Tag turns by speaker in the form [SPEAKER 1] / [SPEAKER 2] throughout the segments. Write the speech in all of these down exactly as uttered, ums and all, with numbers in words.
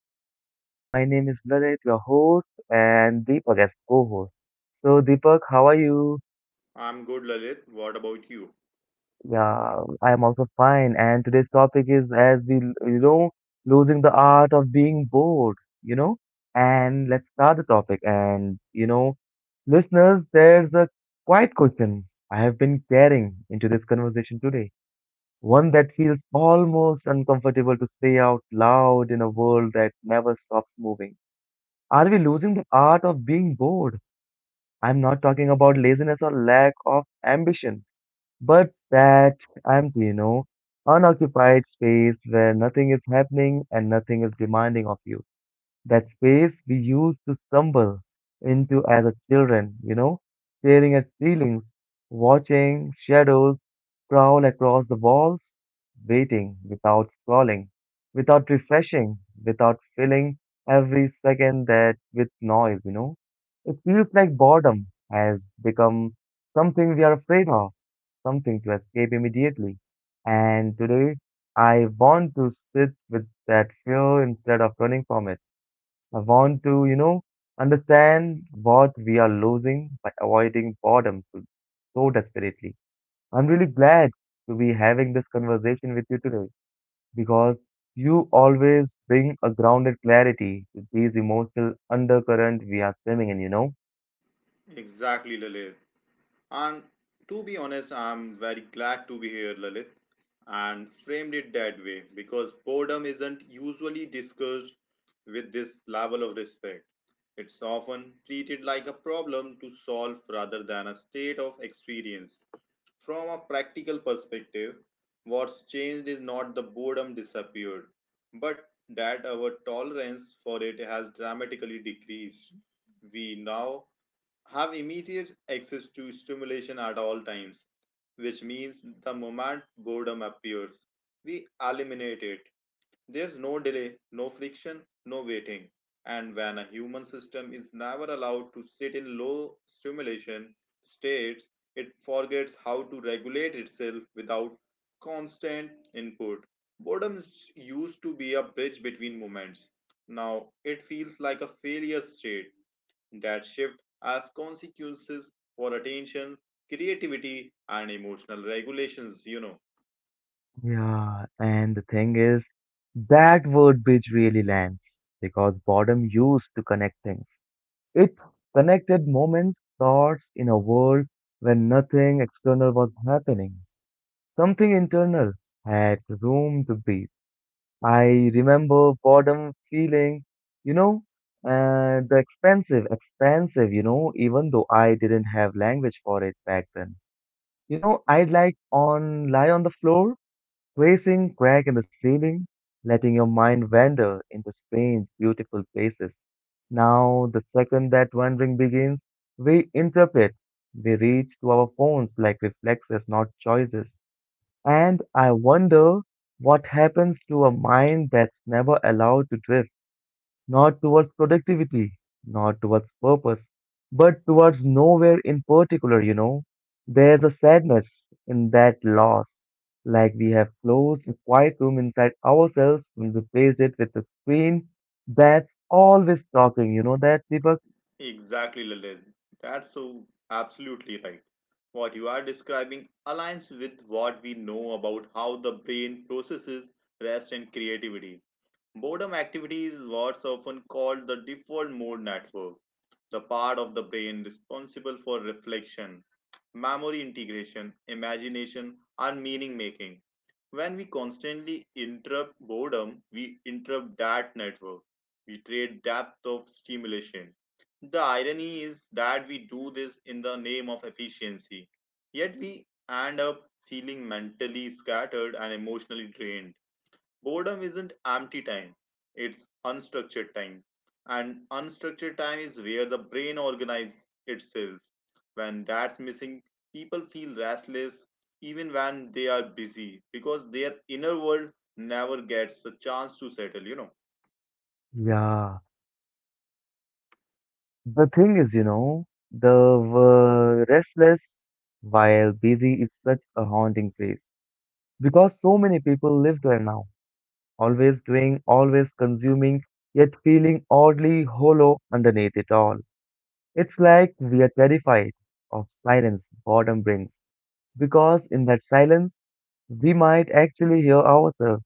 [SPEAKER 1] are you all? My name is Lalit, your host, and Deepak as co-host. So, Deepak, how are you?
[SPEAKER 2] I'm good, Lalit. What about you?
[SPEAKER 1] Yeah, I am also fine. And today's topic is, as we, l- you know, losing the art of being bored. You know, and let's start the topic. And you know, listeners, there's a quiet question I have been carrying into this conversation today. One that feels almost uncomfortable to say out loud in a world that never stops moving. Are we losing the art of being bored? I'm not talking about laziness or lack of ambition, but that empty, you know, unoccupied space where nothing is happening and nothing is demanding of you, that space we used to stumble into as a children, you know, staring at ceilings, watching shadows crawl across the walls, waiting without scrolling, without refreshing, without filling every second that with noise, you know. It feels like boredom has become something we are afraid of, something to escape immediately. And today, I want to sit with that fear instead of running from it. I want to, you know, understand what we are losing by avoiding boredom so so desperately. I'm really glad to be having this conversation with you today because you always bring a grounded clarity to these emotional undercurrent we are swimming in, you know?
[SPEAKER 2] Exactly, Lalit. And to be honest, I'm very glad to be here, Lalit, and framed it that way because boredom isn't usually discussed with this level of respect. It's often treated like a problem to solve rather than a state of experience. From a practical perspective, what's changed is not the boredom disappeared, but that our tolerance for it has dramatically decreased. We now have immediate access to stimulation at all times, which means the moment boredom appears, we eliminate it. There's no delay, no friction, no waiting. And when a human system is never allowed to sit in low stimulation states, it forgets how to regulate itself without constant input. Boredom used to be a bridge between moments. Now it feels like a failure state that shift has consequences for attention, creativity, and emotional regulations, you know.
[SPEAKER 1] Yeah, and the thing is, that word bridge really lands because boredom used to connect things. It connected moments, thoughts in a world where nothing external was happening. Something internal had room to breathe. I remember boredom feeling, you know, uh, the expensive, expensive, you know, even though I didn't have language for it back then. You know, I'd like on lie on the floor, tracing crack in the ceiling, letting your mind wander into strange, beautiful places. Now, the second that wandering begins, we interpret. We reach to our phones like reflexes, not choices. And I wonder what happens to a mind that's never allowed to drift, not towards productivity, not towards purpose, but towards nowhere in particular, you know. There's a sadness in that loss, like we have closed a quiet room inside ourselves and replaced it with a screen that's always talking, you know that, Deepak?
[SPEAKER 2] Exactly, Lalit. That's so absolutely right. What you are describing aligns with what we know about how the brain processes rest and creativity. Boredom activity is what's often called the default mode network, the part of the brain responsible for reflection, memory integration, imagination, and meaning making. When we constantly interrupt boredom, we interrupt that network. We trade depth of stimulation. The irony is that we do this in the name of efficiency, yet we end up feeling mentally scattered and emotionally drained. Boredom isn't empty time, it's unstructured time. And unstructured time is where the brain organizes itself. When that's missing, people feel restless even when they are busy because their inner world never gets a chance to settle, you know.
[SPEAKER 1] Yeah. The thing is, you know, the uh, restless while busy is such a haunting phrase because so many people live there now, always doing, always consuming, yet feeling oddly hollow underneath it all. It's like we are terrified of silence boredom brings because in that silence we might actually hear ourselves,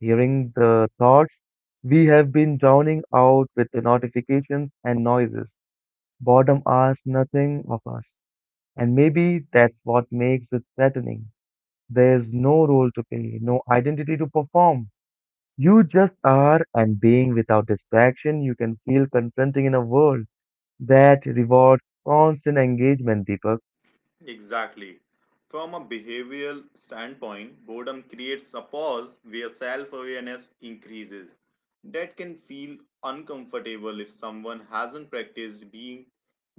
[SPEAKER 1] hearing the thoughts we have been drowning out with the notifications and noises. Boredom asks nothing of us, and maybe that's what makes it threatening. There's no role to play, no identity to perform. You just are, and being without distraction, you can feel confronting in a world that rewards constant engagement, Deepak.
[SPEAKER 2] Exactly. From a behavioral standpoint, boredom creates a pause where self awareness increases. That can feel uncomfortable if someone hasn't practiced being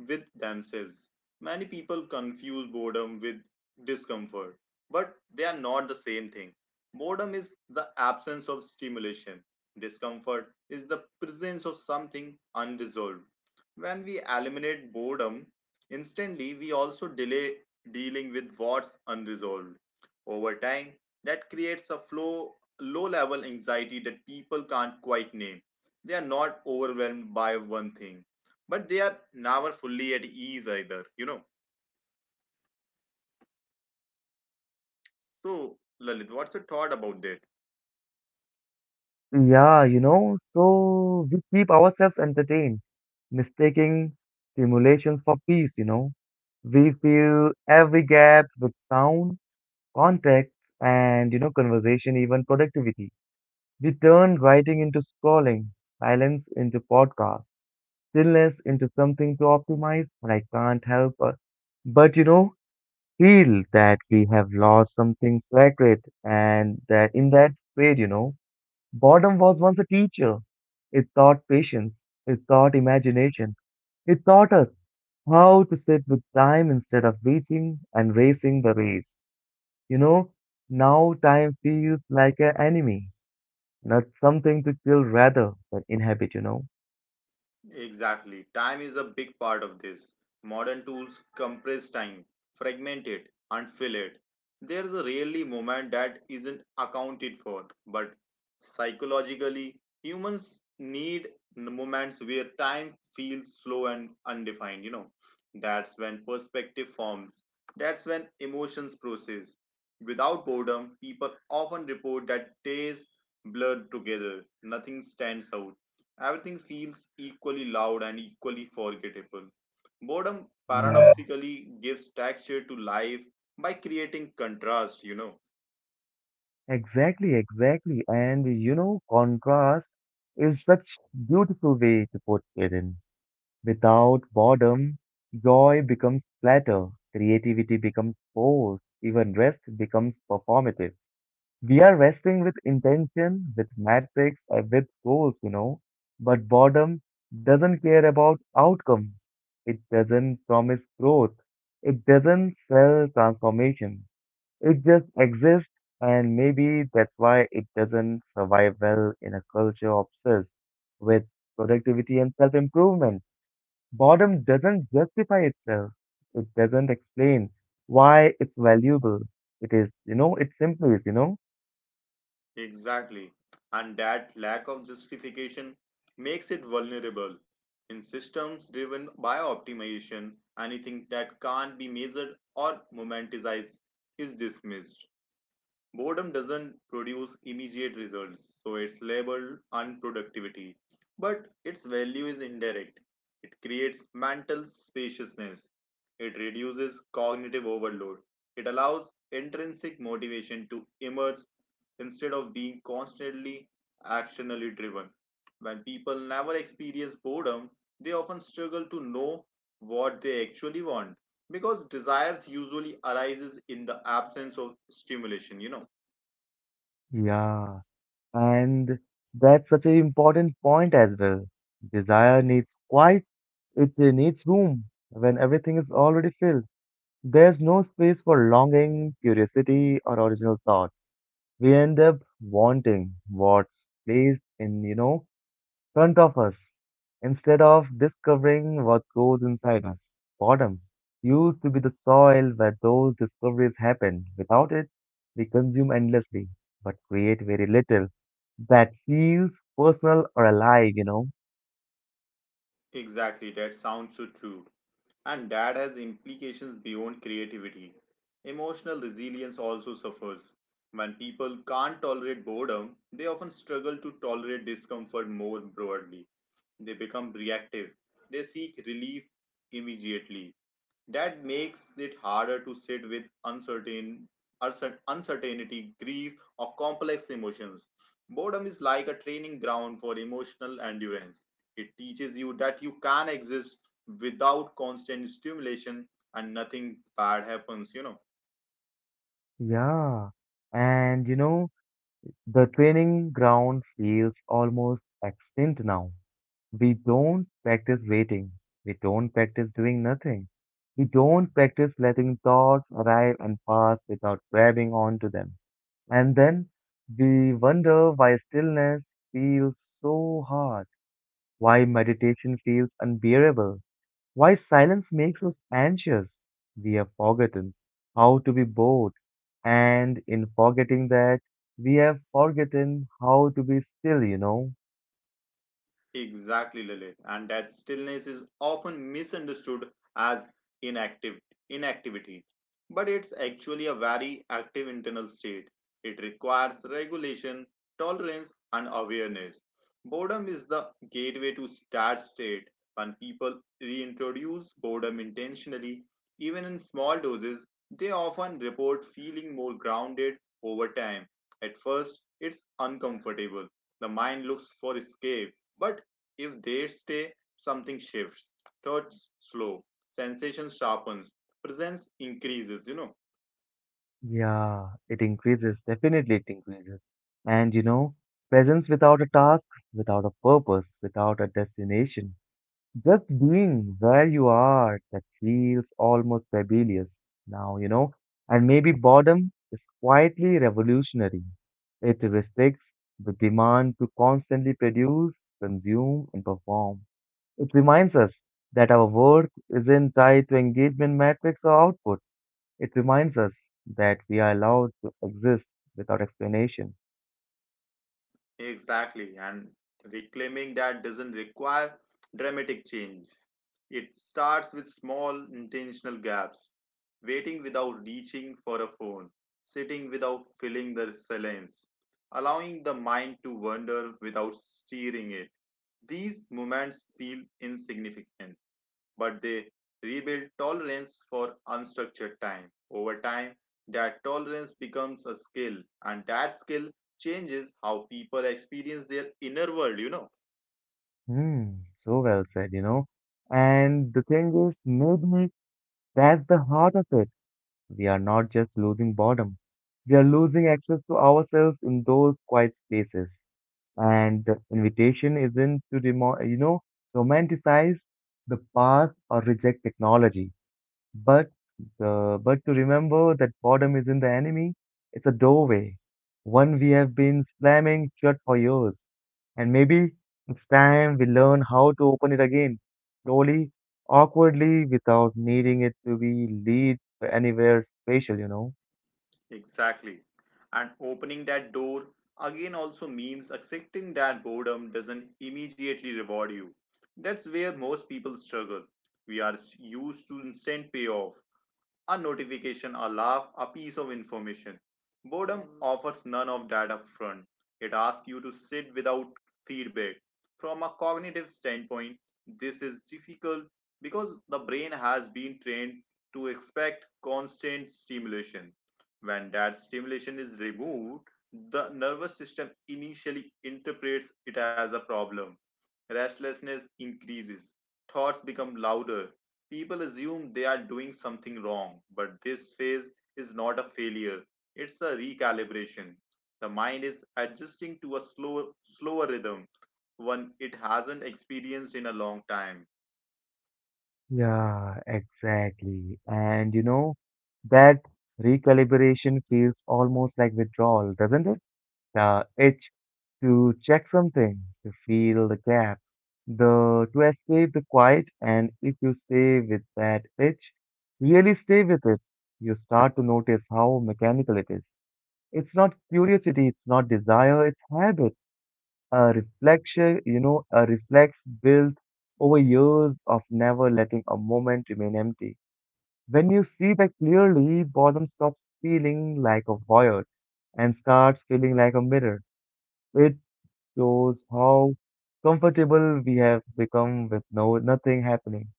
[SPEAKER 2] with themselves. Many people confuse boredom with discomfort, but they are not the same thing. Boredom is the absence of stimulation, discomfort is the presence of something unresolved. When we eliminate boredom, instantly, we also delay dealing with what's unresolved. Over time, that creates a flow, low level anxiety that people can't quite name. They are not overwhelmed by one thing, but they are never fully at ease either, you know. So, Lalit, what's your thought about that?
[SPEAKER 1] Yeah, you know, so we keep ourselves entertained, mistaking stimulation for peace, you know. We fill every gap with sound, context, and, you know, conversation, even productivity. We turned writing into scrolling, silence into podcast, stillness into something to optimize, and I can't help but, but you know, feel that we have lost something sacred and that in that way, you know, boredom was once a teacher. It taught patience, it taught imagination, it taught us how to sit with time instead of beating and racing the race. You know, now time feels like an enemy, not something to kill rather than inhabit, you know.
[SPEAKER 2] Exactly. Time is a big part of this. Modern tools compress time, fragment it, and fill it. There is a rarely moment that isn't accounted for, but psychologically, humans need n- moments where time feels slow and undefined. You know, that's when perspective forms, that's when emotions process. Without boredom, people often report that days blur together, nothing stands out everything feels equally loud and equally forgettable. Boredom
[SPEAKER 1] Yeah,
[SPEAKER 2] paradoxically gives texture to life by creating contrast, you know.
[SPEAKER 1] exactly, exactly. And you know, contrast is such beautiful way to put it in. Without boredom, joy becomes flatter, creativity becomes forced, even rest becomes performative. We are wrestling with intention, with metrics, and with goals, you know. But boredom doesn't care about outcome. It doesn't promise growth. It doesn't sell transformation. It just exists, and maybe that's why it doesn't survive well in a culture obsessed with productivity and self improvement. Boredom doesn't justify itself, it doesn't explain why it's valuable. It is, you know, it simply is, you know.
[SPEAKER 2] Exactly. And that lack of justification makes it vulnerable. In systems driven by optimization, anything that can't be measured or momentized is dismissed. Boredom doesn't produce immediate results, so it's labeled unproductivity. But its value is indirect. It creates mental spaciousness. It reduces cognitive overload. It allows intrinsic motivation to emerge instead of being constantly actionally driven. When people never experience boredom, they often struggle to know what they actually want because desires usually arises in the absence of stimulation you know
[SPEAKER 1] Yeah. And that's such an important point as well. Desire needs quiet, it uh, needs room. When everything is already filled, there's no space for longing, curiosity, or original thoughts. We end up wanting what's placed in, you know, front of us instead of discovering what grows inside us. Boredom used to be the soil where those discoveries happen. Without it, we consume endlessly but create very little that feels personal or alive, you know.
[SPEAKER 2] Exactly, that sounds so true. And that has implications beyond creativity. Emotional resilience also suffers. When people can't tolerate boredom, they often struggle to tolerate discomfort more broadly. They become reactive. They seek relief immediately. That makes it harder to sit with uncertain, uncer- uncertainty, grief, or complex emotions. Boredom is like a training ground for emotional endurance. It teaches you that you can exist without constant stimulation and nothing bad happens, you know.
[SPEAKER 1] Yeah. And you know, the training ground feels almost extinct now. We don't practice waiting. We don't practice doing nothing. We don't practice letting thoughts arrive and pass without grabbing onto them. And then we wonder why stillness feels so hard, why meditation feels unbearable, why silence makes us anxious. We have forgotten how to be bored, and in forgetting that, we have forgotten how to be still, you know.
[SPEAKER 2] Exactly, Lilith. And that stillness is often misunderstood as inactive inactivity. But it's actually a very active internal state. It requires regulation, tolerance, and awareness. Boredom is the gateway to that state. When people reintroduce boredom intentionally, even in small doses, they often report feeling more grounded over time. At first, it's uncomfortable. The mind looks for escape but if they stay, something shifts. Thoughts slow, sensation sharpens, presence increases, you know.
[SPEAKER 1] Yeah, it increases. Definitely, it increases. And you know, presence without a task, without a purpose, without a destination, just being where you are, that feels almost rebellious now, you know. And maybe boredom is quietly revolutionary. It respects the demand to constantly produce, consume, and perform. It reminds us that our work isn't tied to engagement metrics or output. It reminds us that we are allowed to exist without explanation.
[SPEAKER 2] Exactly. And reclaiming that doesn't require dramatic change. It starts with small intentional gaps. Waiting without reaching for a phone, sitting without filling the silence, allowing the mind to wander without steering it. These moments feel insignificant but they rebuild tolerance for unstructured time. Over time, that tolerance becomes a skill, and that skill changes how people experience their inner world, you know.
[SPEAKER 1] Hmm, so well said, you know. And the thing is, maybe that's the heart of it. We are not just losing boredom, we are losing access to ourselves in those quiet spaces. And the invitation isn't to, demo- you know, romanticize the past or reject technology. But the but to remember that boredom isn't the enemy, it's a doorway, one we have been slamming shut for years. And maybe next time we learn how to open it again, slowly, awkwardly, without needing it to be lead to anywhere special, you know.
[SPEAKER 2] Exactly. And opening that door again also means accepting that boredom doesn't immediately reward you. That's where most people struggle. We are used to instant payoff, a notification, a laugh, a piece of information. Boredom Mm. offers none of that up front. It asks you to sit without feedback. From a cognitive standpoint, this is difficult because the brain has been trained to expect constant stimulation. When that stimulation is removed, the nervous system initially interprets it as a problem. Restlessness increases, thoughts become louder, people assume they are doing something wrong, but this phase is not a failure. It's a recalibration. The mind is adjusting to a slow, slower rhythm, one it hasn't experienced in a long time.
[SPEAKER 1] Yeah, exactly. And you know, that recalibration feels almost like withdrawal, doesn't it? The itch to check something, to feel the gap, the to escape the quiet. And if you stay with that itch, really stay with it, you start to notice how mechanical it is. It's not curiosity, it's not desire, it's habit. A reflection, you know, a reflex built over years of never letting a moment remain empty. When you see that clearly, boredom stops feeling like a void and starts feeling like a mirror. It shows how comfortable we have become with no nothing happening.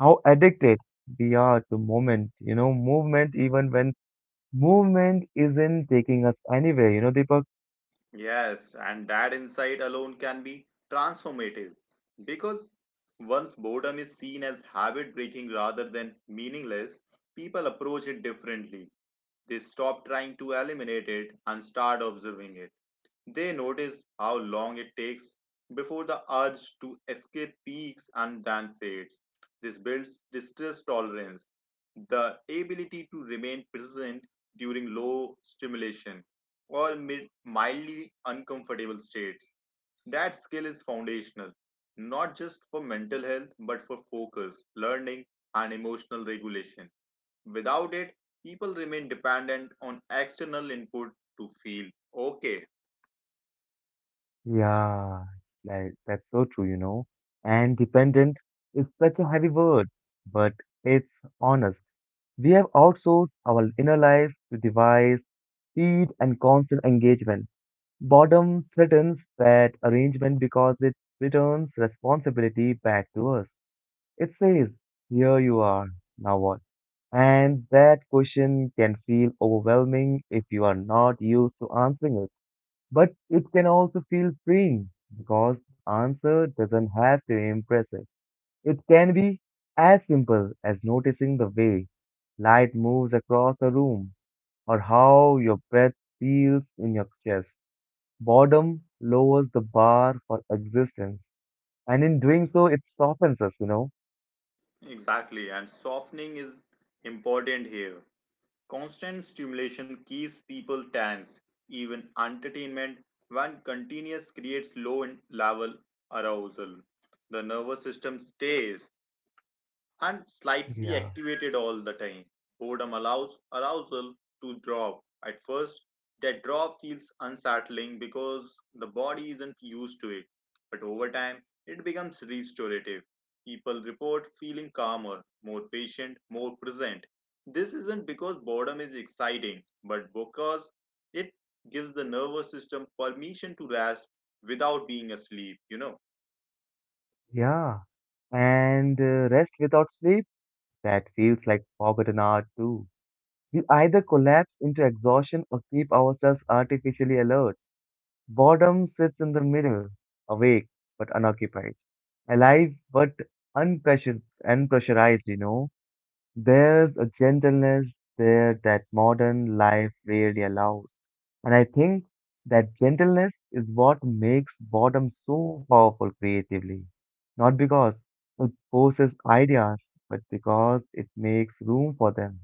[SPEAKER 1] How addicted we are to moment, you know, movement even when movement isn't taking us anywhere, you know, Deepak?
[SPEAKER 2] Yes, and that insight alone can be transformative because once boredom is seen as habit breaking rather than meaningless, people approach it differently. They stop trying to eliminate it and start observing it. They notice how long it takes before the urge to escape peaks and then fades. This builds distress tolerance, the ability to remain present during low stimulation or mid- mildly uncomfortable states. That skill is foundational, not just for mental health, but for focus, learning, and emotional regulation. Without it, people remain dependent on external input to feel okay.
[SPEAKER 1] Yeah, like that's so true, you know. And dependent is such a heavy word, but it's honest. We have outsourced our inner life to device, speed, and constant engagement. Boredom threatens that arrangement because it returns responsibility back to us. It says, "Here you are, now what?" And that question can feel overwhelming if you are not used to answering it. But it can also feel freeing because the answer doesn't have to be impressive. It can be as simple as noticing the way light moves across a room or how your breath feels in your chest. Boredom lowers the bar for existence, and in doing so, it softens us, you know.
[SPEAKER 2] Exactly, and softening is important here. Constant stimulation keeps people tense, even entertainment, when continuous creates low in- level arousal. The nervous system stays and slightly
[SPEAKER 1] Yeah,
[SPEAKER 2] activated all the time. Boredom allows arousal to drop. At first, that drop feels unsettling because the body isn't used to it, but over time, it becomes restorative. People report feeling calmer, more patient, more present. This isn't because boredom is exciting, but because it gives the nervous system permission to rest without being asleep, you know.
[SPEAKER 1] yeah. And uh, rest without sleep, that feels like forgotten art too. We either collapse into exhaustion or keep ourselves artificially alert. Boredom sits in the middle, awake but unoccupied, alive but unpressured, unpressurized, you know. There's a gentleness there that modern life rarely allows. And I think that gentleness is what makes boredom so powerful creatively. Not because it forces ideas, but because it makes room for them.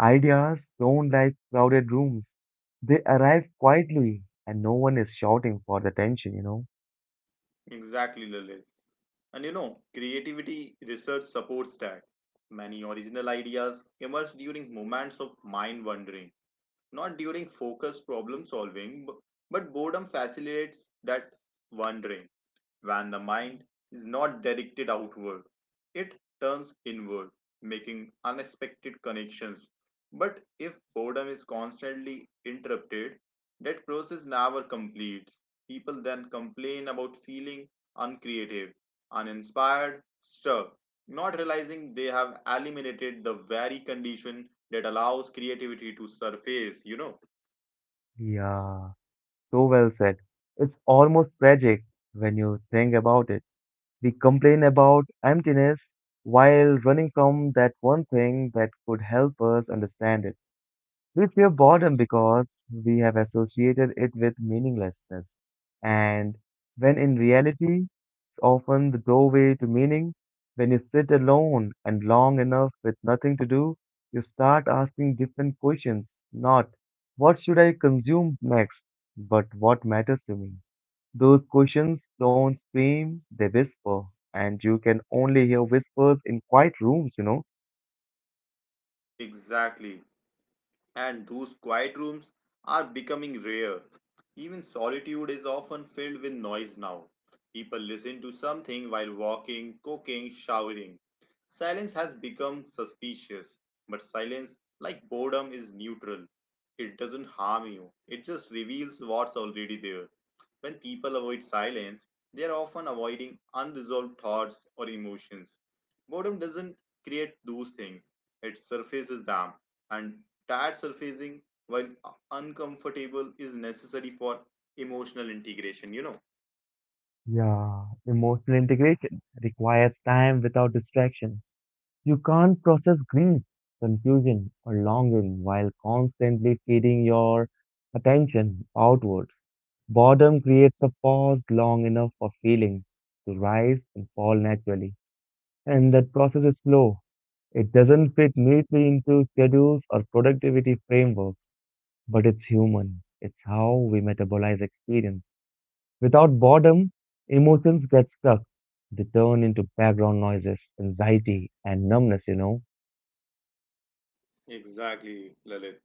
[SPEAKER 1] Ideas don't like crowded rooms. They arrive quietly and no one is shouting for the attention, you know?
[SPEAKER 2] Exactly, Lilith. And you know, creativity research supports that. Many original ideas emerge during moments of mind wandering, not during focused problem solving, b- but boredom facilitates that wandering. When the mind is not directed outward, it turns inward, making unexpected connections. But if boredom is constantly interrupted, that process never completes. People then complain about feeling uncreative, uninspired, stuck, not realizing they have eliminated the very condition that allows creativity to surface, you know.
[SPEAKER 1] Yeah, so well said. It's almost tragic when you think about it. We complain about emptiness while running from that one thing that could help us understand it. We fear boredom because we have associated it with meaninglessness, and when in reality, it's often the doorway to meaning. When you sit alone and long enough with nothing to do, you start asking different questions, not what should I consume next, but what matters to me. Those questions don't scream, they whisper, and you can only hear whispers in quiet rooms, you know.
[SPEAKER 2] Exactly. And those quiet rooms are becoming rare. Even solitude is often filled with noise now. People listen to something while walking, cooking, showering. Silence has become suspicious, but silence, like boredom, is neutral. It doesn't harm you, it just reveals what's already there. When people avoid silence, they are often avoiding unresolved thoughts or emotions. Boredom doesn't create those things, it surfaces them, and tired surfacing, while uncomfortable, is necessary for emotional integration, you know.
[SPEAKER 1] Yeah, emotional integration requires time without distraction. You can't process grief, confusion, or longing while constantly feeding your attention outwards. Boredom creates a pause long enough for feelings to rise and fall naturally. And that process is slow. It doesn't fit neatly into schedules or productivity frameworks, but it's human. It's how we metabolize experience. Without boredom, emotions get stuck. They turn into background noises, anxiety, and numbness, you know.
[SPEAKER 2] Exactly, Lalit.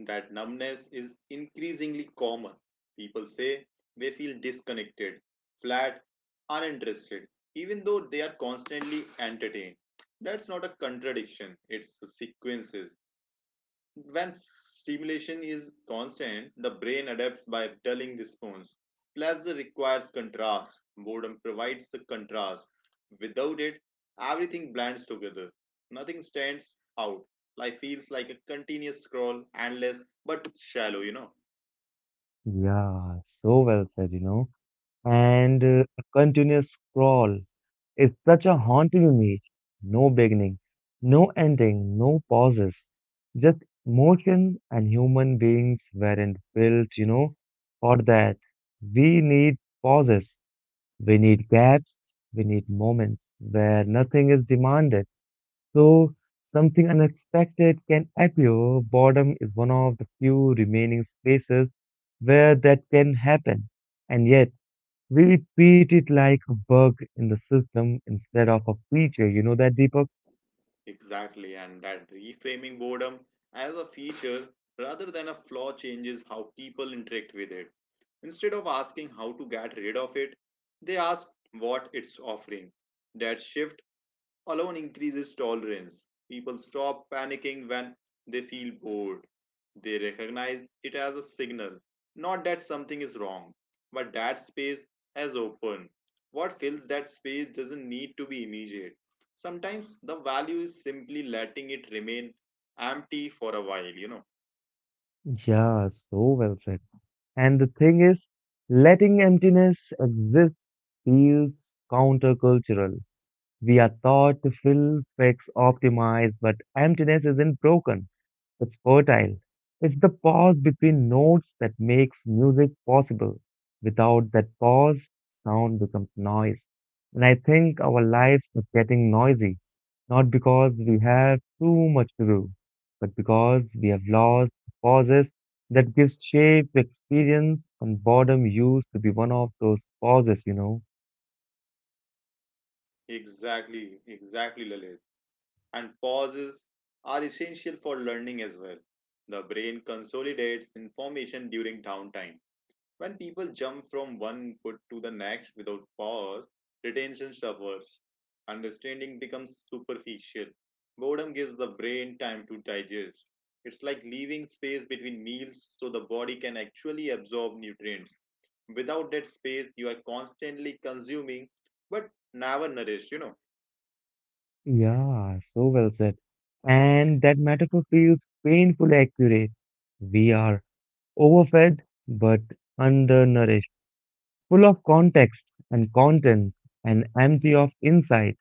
[SPEAKER 2] That numbness is increasingly common. People say they feel disconnected, flat, uninterested, even though they are constantly entertained. That's not a contradiction, it's a sequence. When stimulation is constant, the brain adapts by telling response. Pleasure requires contrast. Boredom provides the contrast. Without it, everything blends together. Nothing stands out. Life feels like a continuous scroll, endless but shallow, you know.
[SPEAKER 1] Yeah, so well said, you know. And uh, a continuous scroll is such a haunting image. No beginning, no ending, no pauses. Just motion, and human beings weren't built, you know, for that. We need pauses. We need gaps, we need moments where nothing is demanded. So something unexpected can appear. Boredom is one of the few remaining spaces where that can happen. And yet, we treat it like a bug in the system instead of a feature. You know that, Deepak?
[SPEAKER 2] Exactly, and that reframing boredom as a feature rather than a flaw changes how people interact with it. Instead of asking how to get rid of it, they ask what it's offering. That shift alone increases tolerance. People stop panicking when they feel bored. They recognize it as a signal, not that something is wrong, but that space has opened. What fills that space doesn't need to be immediate. Sometimes the value is simply letting it remain empty for a while, you know.
[SPEAKER 1] Yeah, so well said. And the thing is, letting emptiness exist feels countercultural. We are taught to fill, fix, optimize, but emptiness isn't broken. It's fertile. It's the pause between notes that makes music possible. Without that pause, sound becomes noise. And I think our lives are getting noisy, not because we have too much to do, but because we have lost pauses that gives shape to experience, and boredom used to be one of those pauses, you know.
[SPEAKER 2] Exactly, exactly, Lalit. And pauses are essential for learning as well. The brain consolidates information during downtime. When people jump from one input to the next without pause, retention suffers. Understanding becomes superficial. Boredom gives the brain time to digest. It's like leaving space between meals so the body can actually absorb nutrients. Without that space, you are constantly consuming but never nourished, you know.
[SPEAKER 1] Yeah, so well said. And that metaphor feels painfully accurate. We are overfed but undernourished, full of context and content and empty of insight.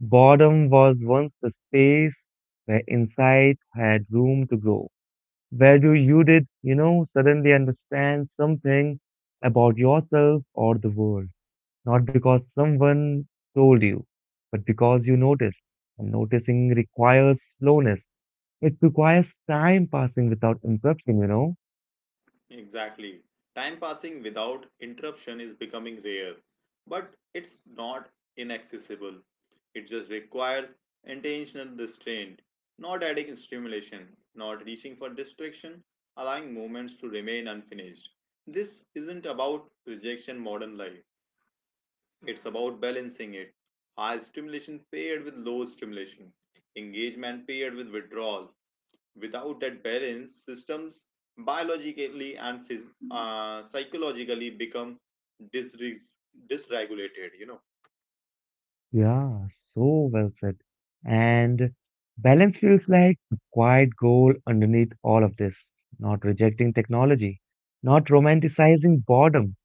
[SPEAKER 1] Boredom was once the space where insight had room to grow, where you, you did, you know, suddenly understand something about yourself or the world, not because someone told you, but because you noticed. And noticing requires slowness. It requires time passing without interruption, you know?
[SPEAKER 2] Exactly. Time passing without interruption is becoming rare, but it's not inaccessible. It just requires intentional restraint, not adding stimulation, not reaching for distraction, allowing moments to remain unfinished. This isn't about rejection modern life, it's about balancing it. High stimulation paired with low stimulation, engagement paired with withdrawal. Without that balance, systems biologically and phys- uh, psychologically become disreg- dysregulated. You know.
[SPEAKER 1] Yeah, so well said. And balance feels like a quiet goal underneath all of this. Not rejecting technology, not romanticizing boredom,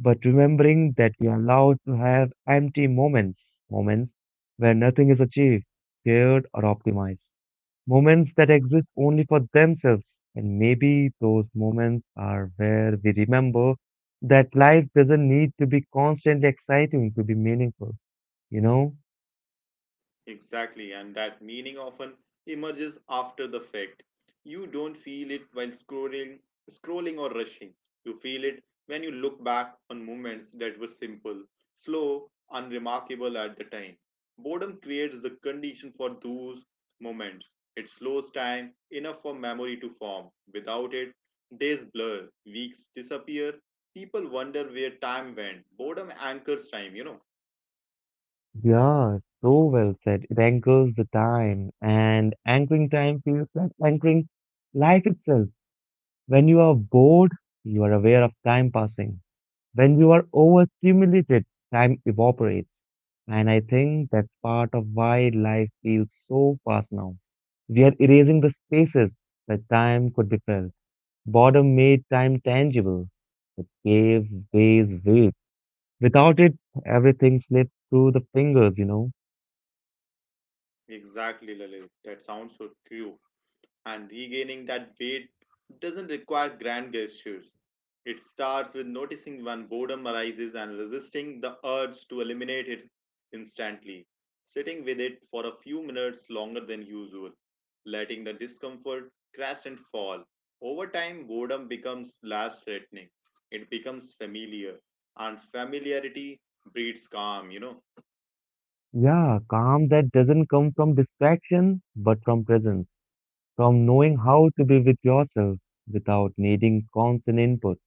[SPEAKER 1] but remembering that we are allowed to have empty moments, moments where nothing is achieved, shared, or optimized. Moments that exist only for themselves. And maybe those moments are where we remember that life doesn't need to be constantly exciting to be meaningful, you know?
[SPEAKER 2] Exactly, and that meaning often emerges after the fact. You don't feel it while scrolling, scrolling or rushing. You feel it when you look back on moments that were simple, slow, unremarkable at the time. Boredom creates the condition for those moments. It slows time enough for memory to form. Without it, days blur, weeks disappear. People wonder where time went. Boredom anchors time, you know.
[SPEAKER 1] Yeah, so well said. It anchors the time, and anchoring time feels like anchoring life itself. When you are bored, you are aware of time passing. When you are overstimulated, time evaporates. And I think that's part of why life feels so fast now. We are erasing the spaces where time could be felt. Boredom made time tangible, gave ways weight. Without it, everything slips through the fingers, you know.
[SPEAKER 2] Exactly, Lalit. That sounds so true. And regaining that weight doesn't require grand gestures. It starts with noticing when boredom arises and resisting the urge to eliminate it instantly, sitting with it for a few minutes longer than usual, letting the discomfort crash and fall. Over time, boredom becomes less threatening, it becomes familiar, and familiarity breeds calm, you know.
[SPEAKER 1] Yeah, calm that doesn't come from distraction, but from presence, from knowing how to be with yourself without needing constant input.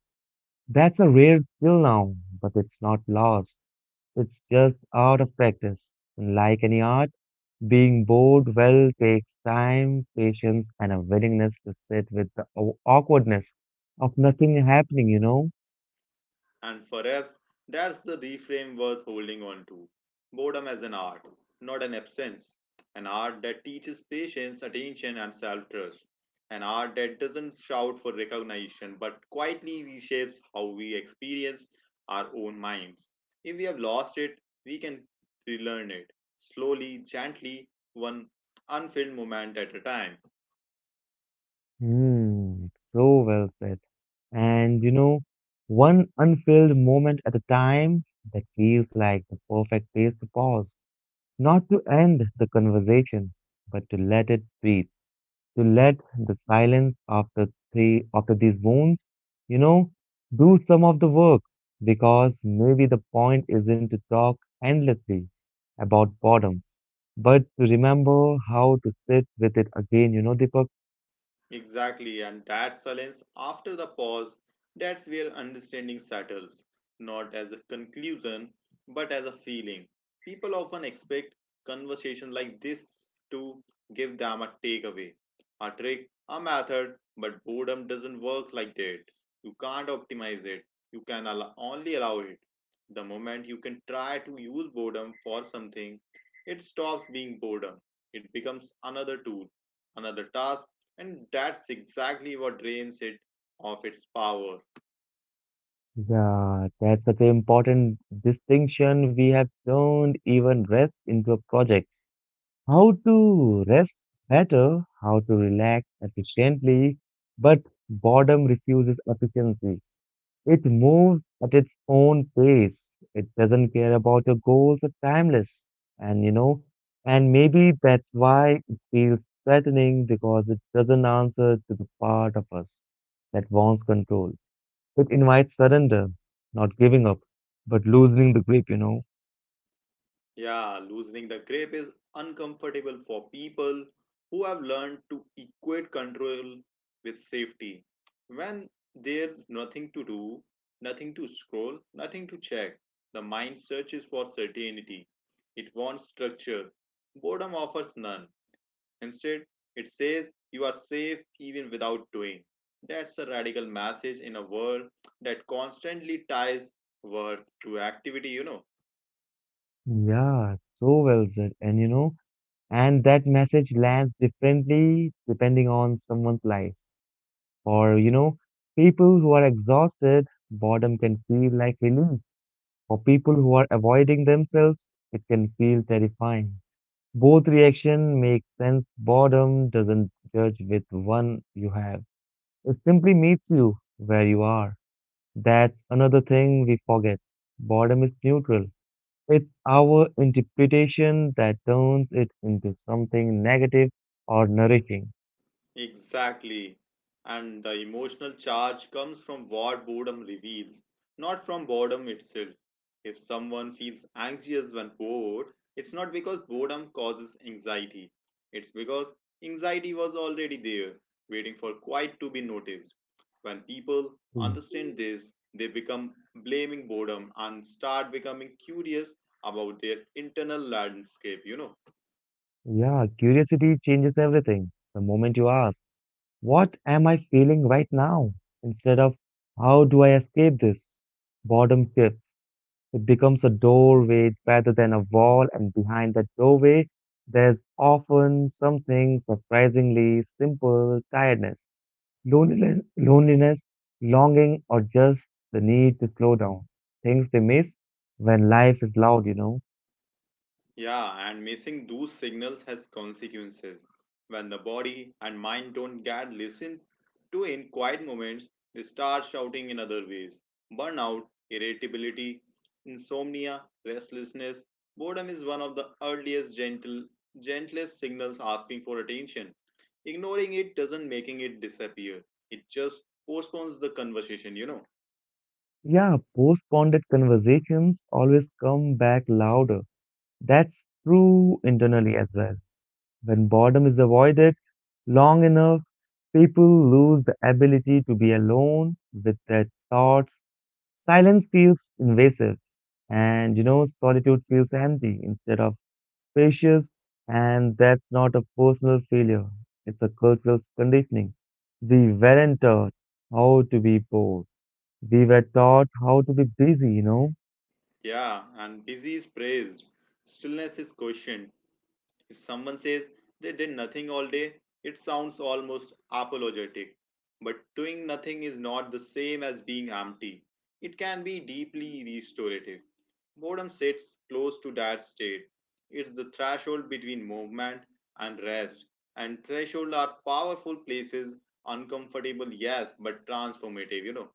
[SPEAKER 1] That's a rare skill now, but it's not lost. It's just out of practice. And like any art, being bored well takes time, patience, and a willingness to sit with the aw- awkwardness of nothing happening, you know?
[SPEAKER 2] And perhaps that's the reframe worth holding on to. Boredom as an art, not an absence. An art that teaches patience, attention, and self trust. An art that doesn't shout for recognition but quietly reshapes how we experience our own minds. If we have lost it, we can relearn it slowly, gently, one unfilled moment at a time.
[SPEAKER 1] Hmm, so well said. And, you know, one unfilled moment at a time, that feels like the perfect place to pause, not to end the conversation, but to let it breathe. To let the silence after three after these wounds, you know, do some of the work, because maybe the point isn't to talk endlessly about boredom, but to remember how to sit with it again, you know, Deepak.
[SPEAKER 2] Exactly, and that silence after the pause, that's where understanding settles, not as a conclusion, but as a feeling. People often expect conversations like this to give them a takeaway, a trick, a method, but boredom doesn't work like that. You can't optimize it, you can allow, only allow it. The moment you can try to use boredom for something, it stops being boredom, it becomes another tool, another task, and that's exactly what drains it of its power.
[SPEAKER 1] Yeah, that's such an important distinction. We have turned even rest into a project. How to rest better, how to relax efficiently, but boredom refuses efficiency. It moves at its own pace. It doesn't care about your goals are timeless. And you know, and maybe that's why it feels threatening, because it doesn't answer to the part of us that wants control. It invites surrender, not giving up, but loosening the grip, you know.
[SPEAKER 2] Yeah, loosening the grip is uncomfortable for people who have learned to equate control with safety. When there's nothing to do, nothing to scroll, nothing to check, the mind searches for certainty. It wants structure. Boredom offers none. Instead, it says you are safe even without doing. That's a radical message in a world that constantly ties worth to activity, you know.
[SPEAKER 1] Yeah, so well said. And you know, and that message lands differently depending on someone's life. For, you know, people who are exhausted, boredom can feel like relief. For people who are avoiding themselves, it can feel terrifying. Both reaction make sense. Boredom doesn't judge with one you have. It simply meets you where you are. That's another thing we forget. Boredom is neutral. It's our interpretation that turns it into something negative or nourishing.
[SPEAKER 2] Exactly. And the emotional charge comes from what boredom reveals, not from boredom itself. If someone feels anxious when bored, it's not because boredom causes anxiety. It's because anxiety was already there, waiting for quiet to be noticed. When people
[SPEAKER 1] Yeah,
[SPEAKER 2] understand this, they become blaming boredom and start becoming curious about their internal landscape, you know.
[SPEAKER 1] yeah, curiosity changes everything. The moment you ask, what am I feeling right now? Instead of, how do I escape this? Boredom shifts. It becomes a doorway rather than a wall, and behind that doorway, there's often something surprisingly simple: tiredness, loneliness, loneliness, longing, or just the need to slow down. Things we miss when life is loud, you know.
[SPEAKER 2] Yeah, and missing those signals has consequences. When the body and mind don't get listened to in quiet moments, they start shouting in other ways. Burnout, irritability, insomnia, restlessness, boredom is one of the earliest gentle gentlest signals asking for attention. Ignoring it doesn't making it disappear. It just postpones the conversation, you know.
[SPEAKER 1] Yeah, postponed conversations always come back louder. That's true internally as well. When boredom is avoided long enough, people lose the ability to be alone with their thoughts. Silence feels invasive, and you know, solitude feels empty instead of spacious, and that's not a personal failure, it's a cultural conditioning. We weren't taught how to be bored, we were taught how to be busy, you know.
[SPEAKER 2] Yeah, and busy is praised. Stillness is questioned. If someone says they did nothing all day, it sounds almost apologetic. But doing nothing is not the same as being empty. It can be deeply restorative. Boredom sits close to that state. It's the threshold between movement and rest. And thresholds are powerful places, uncomfortable, yes, but transformative, you know.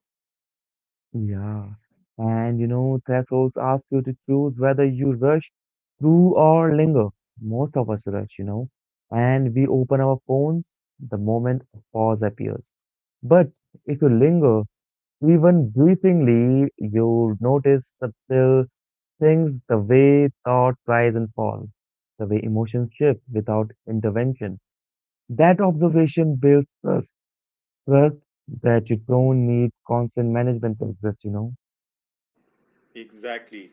[SPEAKER 1] Yeah. And you know, thresholds ask you to choose whether you rush through or linger. Most of us rush, you know, and we open our phones the moment a pause appears. But if you linger, even briefly, you'll notice subtle things, the way thoughts rise and fall, the way emotions shift without intervention. That observation builds trust, trust that you don't need constant management to exist, you know.
[SPEAKER 2] Exactly.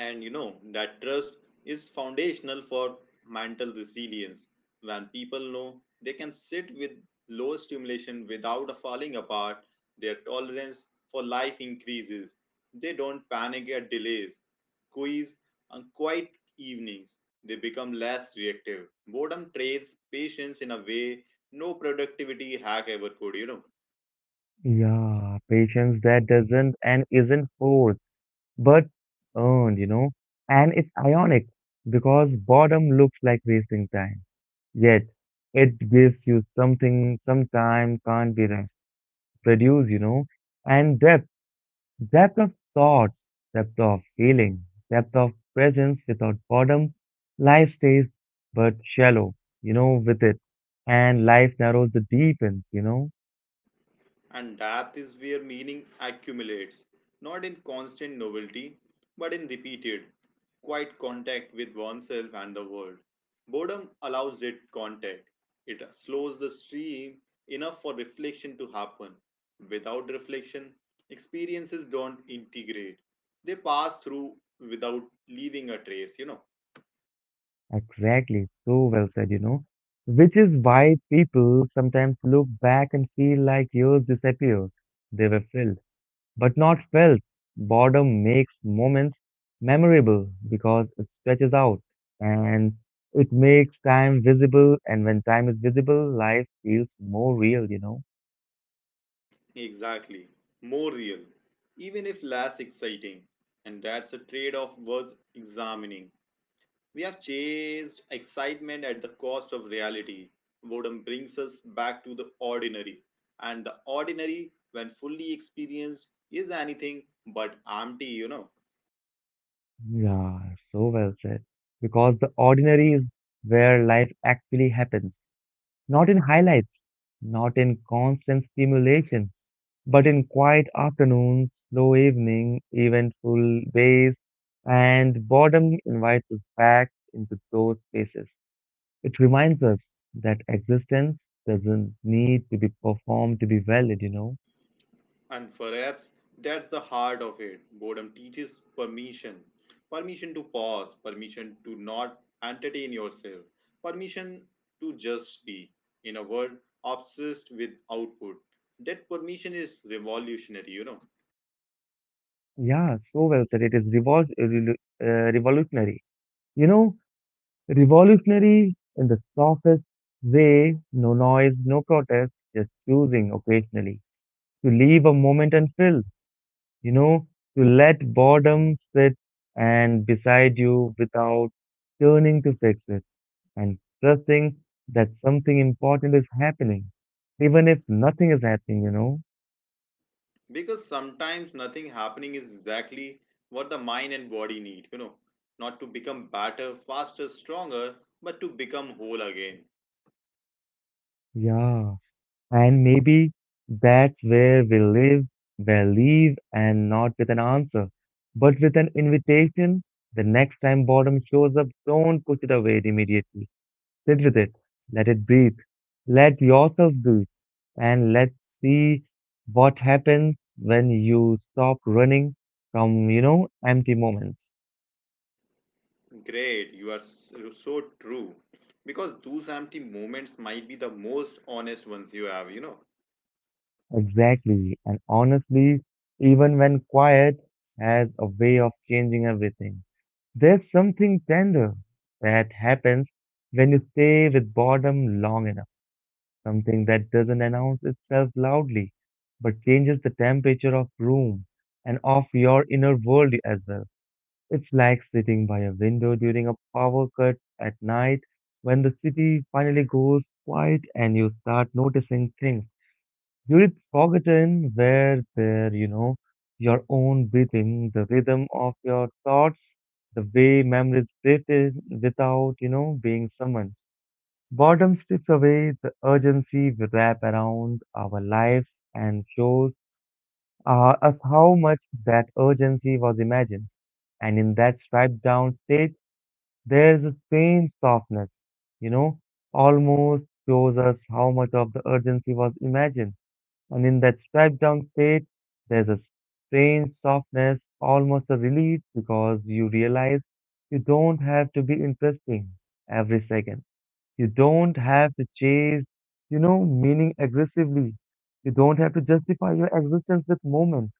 [SPEAKER 2] And you know, that trust is foundational for mental resilience. When people know they can sit with low stimulation without falling apart, their tolerance for life increases. They don't panic at delays, quiz, and quiet evenings. They become less reactive. Boredom trains patience in a way no productivity hack ever could, you know.
[SPEAKER 1] Yeah, patience that doesn't and isn't forced, but earned, you know. And it's ionic because boredom looks like wasting time, yet it gives you something sometime can't be re- produced, you know. And depth, depth of thoughts, depth of feeling, depth of presence without boredom, life stays but shallow, you know, with it. And life narrows the deepens, you know.
[SPEAKER 2] And depth is where meaning accumulates, not in constant novelty, but in repeated, quiet contact with oneself and the world. Boredom allows it contact. It slows the stream enough for reflection to happen. Without reflection, experiences don't integrate. They pass through without leaving a trace, you know.
[SPEAKER 1] Exactly, so well said, you know. Which is why people sometimes look back and feel like years disappeared. They were filled, but not felt. Boredom makes moments memorable because it stretches out and it makes time visible. And when time is visible, life feels more real, you know.
[SPEAKER 2] Exactly. More real, even if less exciting. And that's a trade off worth examining. We have chased excitement at the cost of reality. Boredom brings us back to the ordinary. And the ordinary, when fully experienced, is anything but empty, you know.
[SPEAKER 1] Yeah, so well said. Because the ordinary is where life actually happens, not in highlights, not in constant stimulation, but in quiet afternoons, slow evening, eventful ways, and boredom invites us back into those spaces. It reminds us that existence doesn't need to be performed to be valid, you know.
[SPEAKER 2] And perhaps that's the heart of it. Boredom teaches permission, permission to pause, permission to not entertain yourself, permission to just be. In a world obsessed with output, that permission is revolutionary, you know.
[SPEAKER 1] Yeah, so well said. It is revol- uh, revolu- uh, revolutionary. You know, revolutionary in the softest way, no noise, no protest, just choosing occasionally to leave a moment and feel, you know, to let boredom sit and beside you without turning to fix it, and trusting that something important is happening, even if nothing is happening, you know?
[SPEAKER 2] Because sometimes nothing happening is exactly what the mind and body need you know not to become better, faster, stronger, but to become whole again.
[SPEAKER 1] Yeah. And maybe that's where we live, where leave, and not with an answer, but with an invitation. The next time boredom shows up, don't push it away immediately. Sit with it, let it breathe, let yourself breathe, and let's see what happens when you stop running from, you know, empty moments.
[SPEAKER 2] Great, you are s- you're so true, because those empty moments might be the most honest ones you have you know
[SPEAKER 1] Exactly. And honestly, even when quiet has a way of changing everything, there's something tender that happens when you stay with boredom long enough, something that doesn't announce itself loudly, but changes the temperature of room and of your inner world as well. It's like sitting by a window during a power cut at night when the city finally goes quiet and you start noticing things you'd forgotten where there, you know, your own breathing, the rhythm of your thoughts, the way memories drift in without, you know, being summoned. Boredom strips away the urgency we wrap around our lives and shows uh, us how much that urgency was imagined. And in that stripped down state, there's a strange softness, you know, almost shows us how much of the urgency was imagined. And in that stripped down state, there's a strange softness, almost a relief, because you realize you don't have to be interesting every second. You don't have to chase, you know, meaning aggressively. You don't have to justify your existence with moment,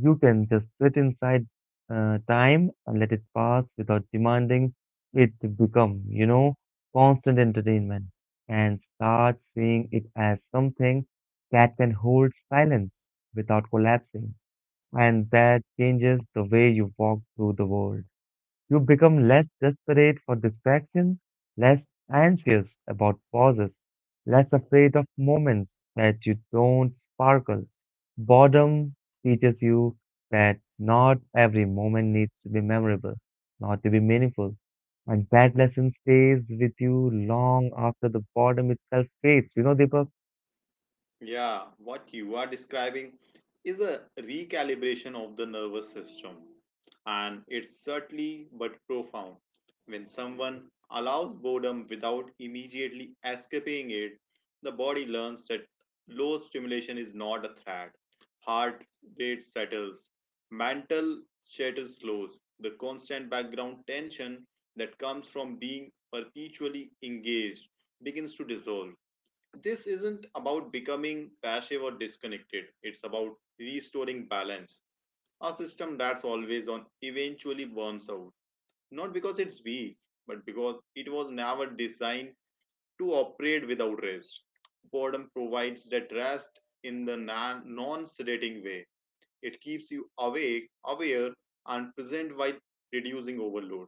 [SPEAKER 1] you can just sit inside uh, time and let it pass without demanding it to become, you know, constant entertainment, and start seeing it as something that can hold silence without collapsing. And that changes the way you walk through the world. You become less desperate for distraction, less anxious about pauses, less afraid of moments that you don't sparkle. Boredom teaches you that not every moment needs to be memorable, not to be meaningful. And that lesson stays with you long after the boredom itself fades. You know, Deepak?
[SPEAKER 2] Yeah, what you are describing is a recalibration of the nervous system, and it's certainly but profound. When someone allows boredom without immediately escaping it, the body learns that low stimulation is not a threat. Heart rate settles, mental chatter slows. The constant background tension that comes from being perpetually engaged begins to dissolve. This isn't about becoming passive or disconnected. It's about restoring balance. A system that's always on eventually burns out. Not because it's weak, but because it was never designed to operate without rest. Boredom provides that rest in the non sedating way. It keeps you awake, aware, and present while reducing overload.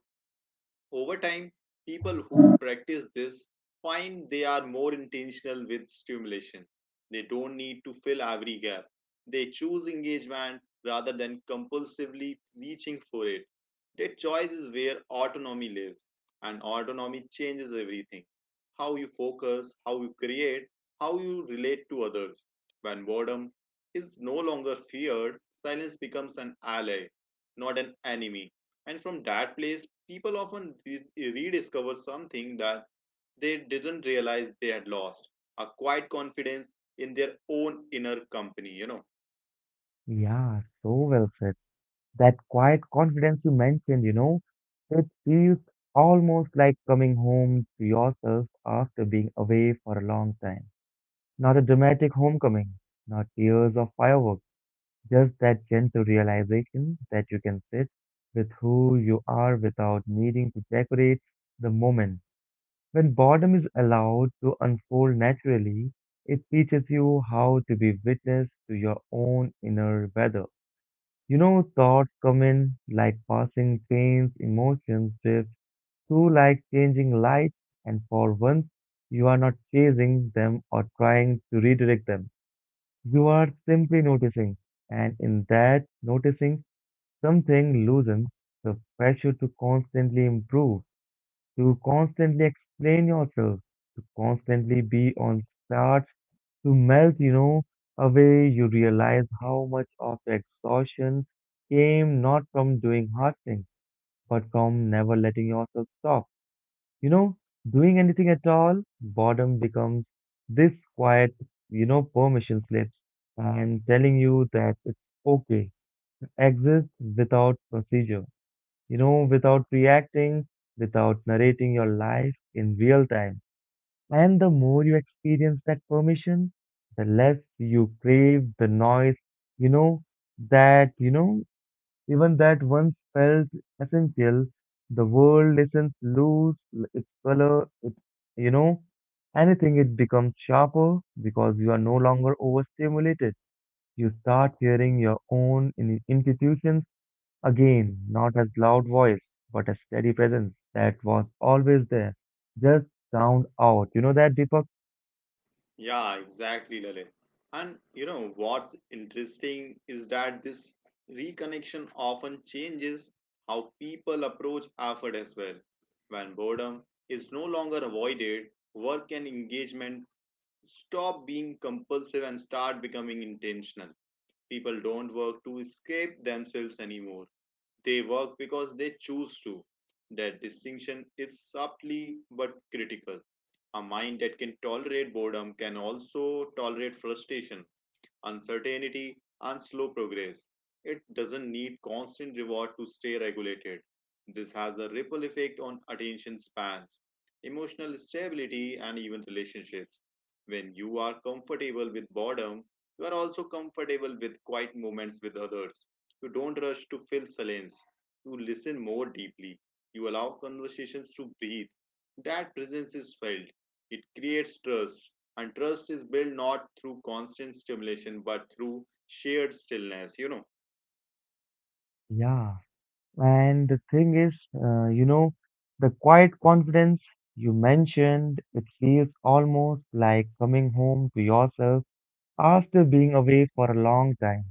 [SPEAKER 2] Over time, people who practice this find they are more intentional with stimulation. They don't need to fill every gap. They choose engagement rather than compulsively reaching for it. That choice is where autonomy lives, and autonomy changes everything: how you focus, how you create, how you relate to others. When boredom is no longer feared, silence becomes an ally, not an enemy. And from that place, people often re- rediscover something that they didn't realize they had lost, a quiet confidence in their own inner company you know
[SPEAKER 1] Yeah, so well said. That quiet confidence you mentioned, you know, it feels almost like coming home to yourself after being away for a long time. Not a dramatic homecoming, not tears or fireworks, just that gentle realization that you can sit with who you are without needing to decorate the moment. When boredom is allowed to unfold naturally, it teaches you how to be witness to your own inner weather. You know, thoughts come in like passing trains, emotions drift through like changing lights, and for once, you are not chasing them or trying to redirect them. You are simply noticing, and in that noticing, something loosens, the pressure to constantly improve, to constantly explain yourself, to constantly be on starts to melt, you know, away. You realize how much of the exhaustion came not from doing hard things, but from never letting yourself stop. You know, doing anything at all, boredom becomes this quiet, you know, permission slips and telling you that it's okay. Exist without procedure you know, without reacting, without narrating your life in real time. And the more you experience that permission, the less you crave the noise, you know, that, you know, even that once felt essential. The world listens, lose its color, it, you know, anything, it becomes sharper because you are no longer overstimulated. You start hearing your own in- intuitions again, not as loud voice, but a steady presence that was always there, just sound out. You know that, Deepak?
[SPEAKER 2] yeah, exactly, Lalit. And, you know, what's interesting is that this reconnection often changes how people approach effort as well. When boredom is no longer avoided, work and engagement stop being compulsive and start becoming intentional. People don't work to escape themselves anymore. They work because they choose to. That distinction is subtly but critical. A mind that can tolerate boredom can also tolerate frustration, uncertainty, and slow progress. It doesn't need constant reward to stay regulated. This has a ripple effect on attention spans, emotional stability, and even relationships. When you are comfortable with boredom, you are also comfortable with quiet moments with others. You don't rush to fill silence. You listen more deeply. You allow conversations to breathe. That presence is felt. It creates trust. And trust is built not through constant stimulation, but through shared stillness. You know,
[SPEAKER 1] Yeah. And the thing is, uh, you know, the quiet confidence you mentioned, it feels almost like coming home to yourself after being away for a long time.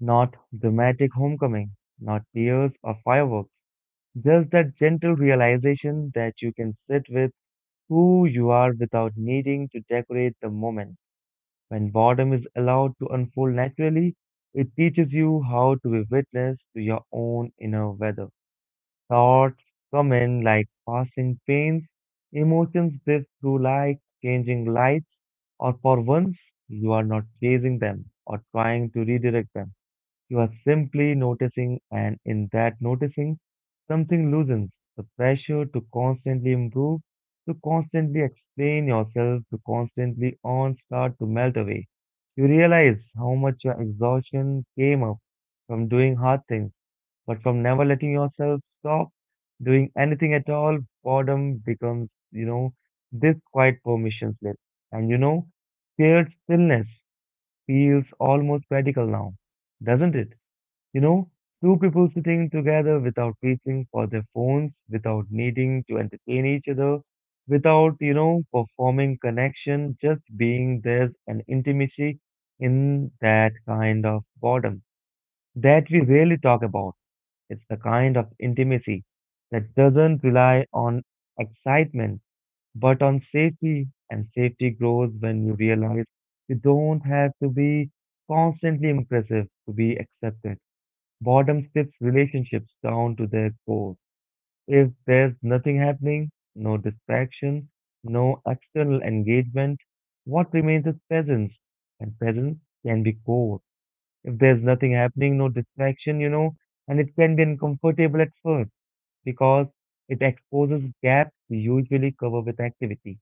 [SPEAKER 1] Not dramatic homecoming, not tears or fireworks, just that gentle realization that you can sit with who you are without needing to decorate the moment. When boredom is allowed to unfold naturally, it teaches you how to be witness to your own inner weather. Thoughts come in like passing pains, emotions drift through like changing lights, or for once, you are not chasing them or trying to redirect them. You are simply noticing, and in that noticing, something loosens the pressure to constantly improve, to constantly explain yourself, to constantly on start to melt away. You realize how much your exhaustion came up from doing hard things, but from never letting yourself stop doing anything at all, boredom becomes, you know, this quiet permission slip. And you know, Shared stillness feels almost radical now, doesn't it? You know, Two people sitting together without reaching for their phones, without needing to entertain each other, without, you know, performing connection, just being there's an intimacy in that kind of boredom that we rarely talk about. It's the kind of intimacy that doesn't rely on excitement, but on safety. And safety grows when you realize you don't have to be constantly impressive to be accepted. Boredom strips relationships down to their core. If there's nothing happening, no distraction, no external engagement, what remains is presence. And presence can be core. If there's nothing happening, no distraction, you know, and it can be uncomfortable at first because it exposes gaps we usually cover with activity.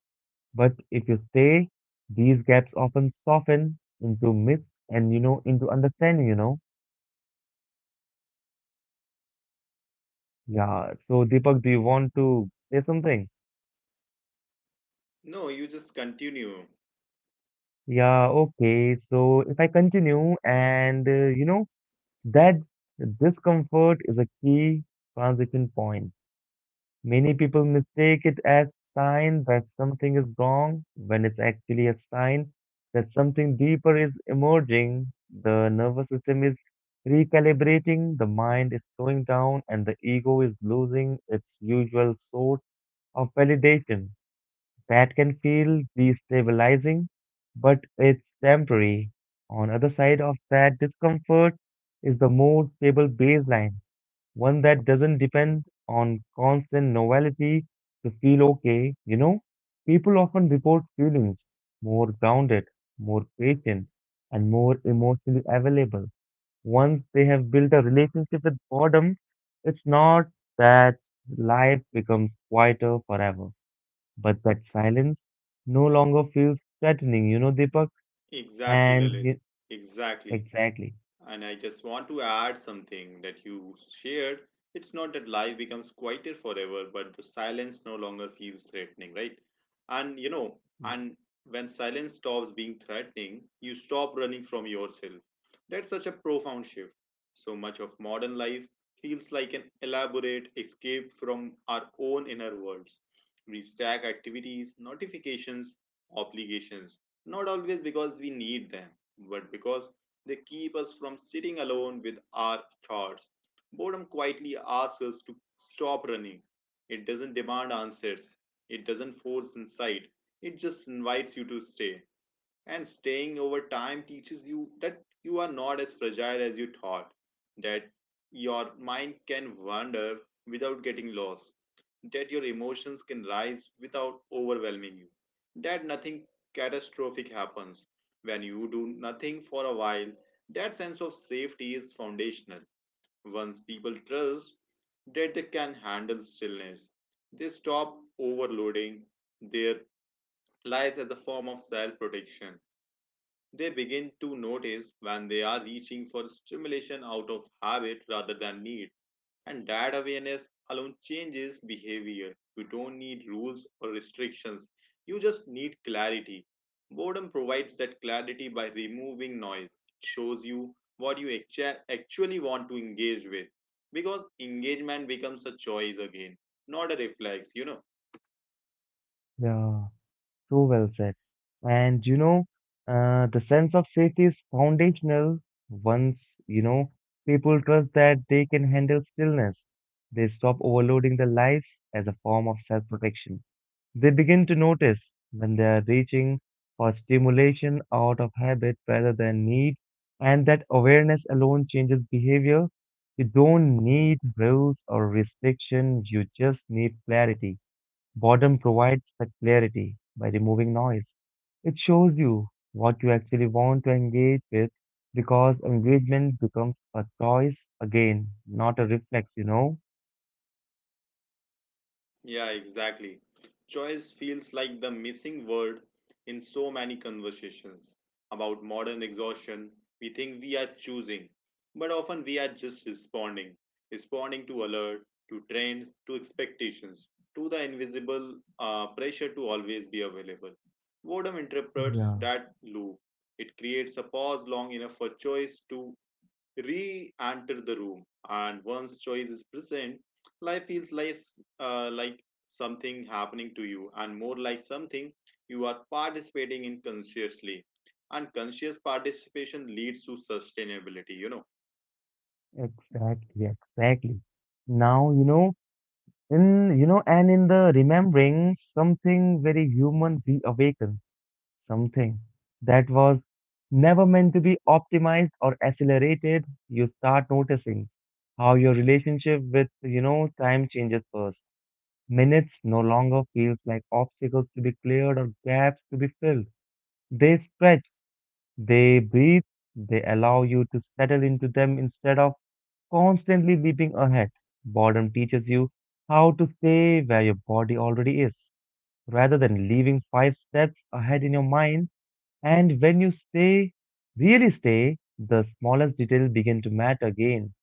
[SPEAKER 1] But if you stay, these gaps often soften into myths and, you know, into understanding, you know. Yeah, so Deepak, do you want to say something?
[SPEAKER 2] no, you just continue.
[SPEAKER 1] Yeah, okay. So if I continue, and uh, you know, that discomfort is a key transition point. Many people mistake it as sign that something is wrong when it's actually a sign that something deeper is emerging. The nervous system is recalibrating, the mind is slowing down, and the ego is losing its usual source of validation. That can feel destabilizing, but it's temporary. On other side of that discomfort is the more stable baseline, one that doesn't depend on constant novelty to feel okay. You know, people often report feelings more grounded, more patient, and more emotionally available. Once they have built a relationship with boredom, it's not that life becomes quieter forever. But that silence no longer feels threatening, you know, Deepak?
[SPEAKER 2] Exactly,
[SPEAKER 1] And
[SPEAKER 2] Lalit.
[SPEAKER 1] y-
[SPEAKER 2] Exactly.
[SPEAKER 1] exactly.
[SPEAKER 2] And I just want to add something that you shared. It's not that life becomes quieter forever, but the silence no longer feels threatening, right? And you know,
[SPEAKER 1] Y-
[SPEAKER 2] and when silence stops being threatening, you stop running from yourself. That's such a profound shift. So much of modern life feels like an elaborate escape from our own inner worlds. We stack activities, notifications, obligations, not always because we need them, but because they keep us from sitting alone with our thoughts. Boredom quietly asks us to stop running. It doesn't demand answers, it doesn't force insight, it just invites you to stay. And staying over time teaches you that you are not as fragile as you thought, that your mind can wander without getting lost, that your emotions can rise without overwhelming you, that nothing catastrophic happens. When you do nothing for a while, that sense of safety is foundational. Once people trust that they can handle stillness, they stop overloading their lives as a form of self protection. They begin to notice when they are reaching for stimulation out of habit rather than need, and that awareness alone changes behavior. You don't need rules or restrictions, you just need clarity. Boredom provides that clarity by removing noise. It shows you what you actua- actually want to engage with because engagement becomes a choice again, not a reflex, you know.
[SPEAKER 1] Yeah, so well said. And you know, uh, the sense of safety is foundational. Once, you know, people trust that they can handle stillness, they stop overloading their lives as a form of self protection. They begin to notice when they are reaching for stimulation out of habit rather than need, and that awareness alone changes behavior. You don't need rules or restriction, you just need clarity. Boredom provides that clarity by removing noise. It shows you what you actually want to engage with because engagement becomes a choice again, not a reflex, you know?
[SPEAKER 2] Yeah, exactly. Choice feels like the missing word in so many conversations about modern exhaustion. We think we are choosing, but often we are just responding. Responding to alert, to trends, to expectations, to the invisible uh, pressure to always be available. Boredom interrupts
[SPEAKER 1] Yeah,
[SPEAKER 2] that loop. It creates a pause long enough for choice to re enter the room, and once choice is present, life feels like uh, like something happening to you and more like something you are participating in consciously. And conscious participation leads to sustainability, you know.
[SPEAKER 1] exactly, exactly. Now, you know, In, you know, and in the remembering, something very human reawakens, something that was never meant to be optimized or accelerated. You start noticing how your relationship with, you know, time changes first. Minutes no longer feels like obstacles to be cleared or gaps to be filled. They stretch, they breathe, they allow you to settle into them instead of constantly leaping ahead. Boredom teaches you how to stay where your body already is, rather than leaving five steps ahead in your mind. And when you stay, really stay, the smallest detail begin to matter again.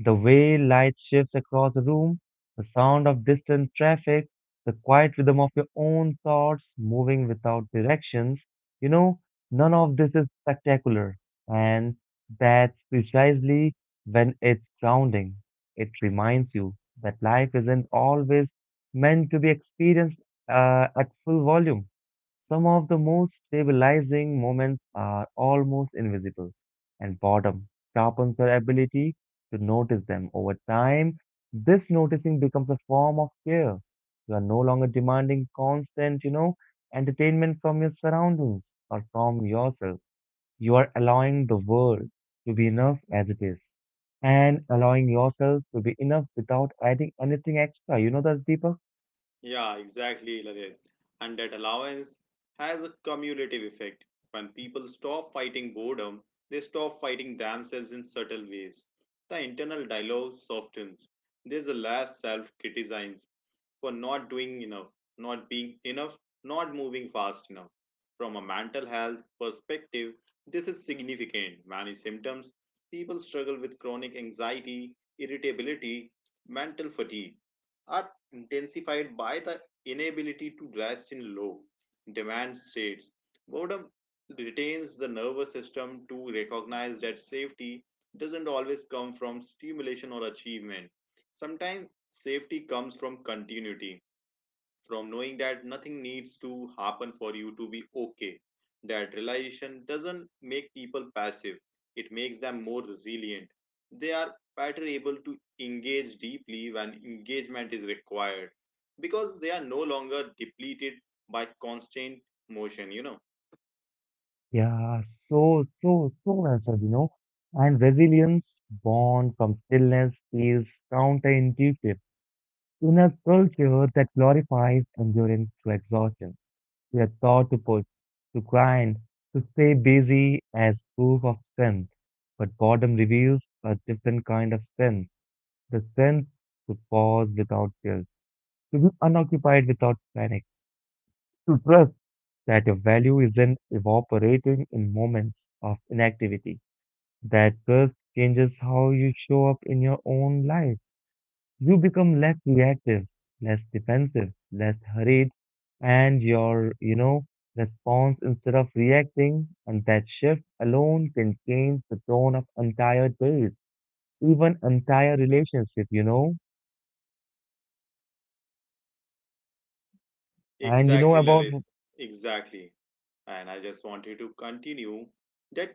[SPEAKER 1] The way light shifts across the room, the sound of distant traffic, the quiet rhythm of your own thoughts moving without directions, you know, none of this is spectacular. And that's precisely when it's grounding. It reminds you that life isn't always meant to be experienced uh, at full volume. Some of the most stabilizing moments are almost invisible, and boredom sharpens your ability to notice them over time. This noticing becomes a form of care. You are no longer demanding constant, you know, entertainment from your surroundings or from yourself. You are allowing the world to be enough as it is and allowing yourself to be enough without adding anything extra. You know that, Deepak?
[SPEAKER 2] Yeah, exactly, Lalit. And that allowance has a cumulative effect. When people stop fighting boredom, they stop fighting themselves in subtle ways. The internal dialogue softens. There's a less self criticism for not doing enough, not being enough, not moving fast enough. From a mental health perspective, this is significant. Many symptoms people struggle with chronic anxiety, irritability, mental fatigue are intensified by the inability to rest in low demand states. Boredom retains the nervous system to recognize that safety doesn't always come from stimulation or achievement. Sometimes safety comes from continuity, from knowing that nothing needs to happen for you to be okay. That realization doesn't make people passive, it makes them more resilient. They are better able to engage deeply when engagement is required because they are no longer depleted by constant motion, you know.
[SPEAKER 1] Yeah, so, so, so well said, you know. And resilience born from stillness is counterintuitive. In a culture that glorifies endurance to exhaustion, we are taught to push, to grind, to stay busy as proof of strength. But boredom reveals a different kind of strength, the strength to pause without guilt, to be unoccupied without panic, to trust that your value isn't evaporating in moments of inactivity. That curse changes how you show up in your own life. You become less reactive, less defensive, less hurried, and your, you know, response instead of reacting. And that shift alone can change the tone of entire days, even entire relationship, you know. And you know
[SPEAKER 2] Exactly,
[SPEAKER 1] about,
[SPEAKER 2] Lalit. Exactly. And I just wanted to continue that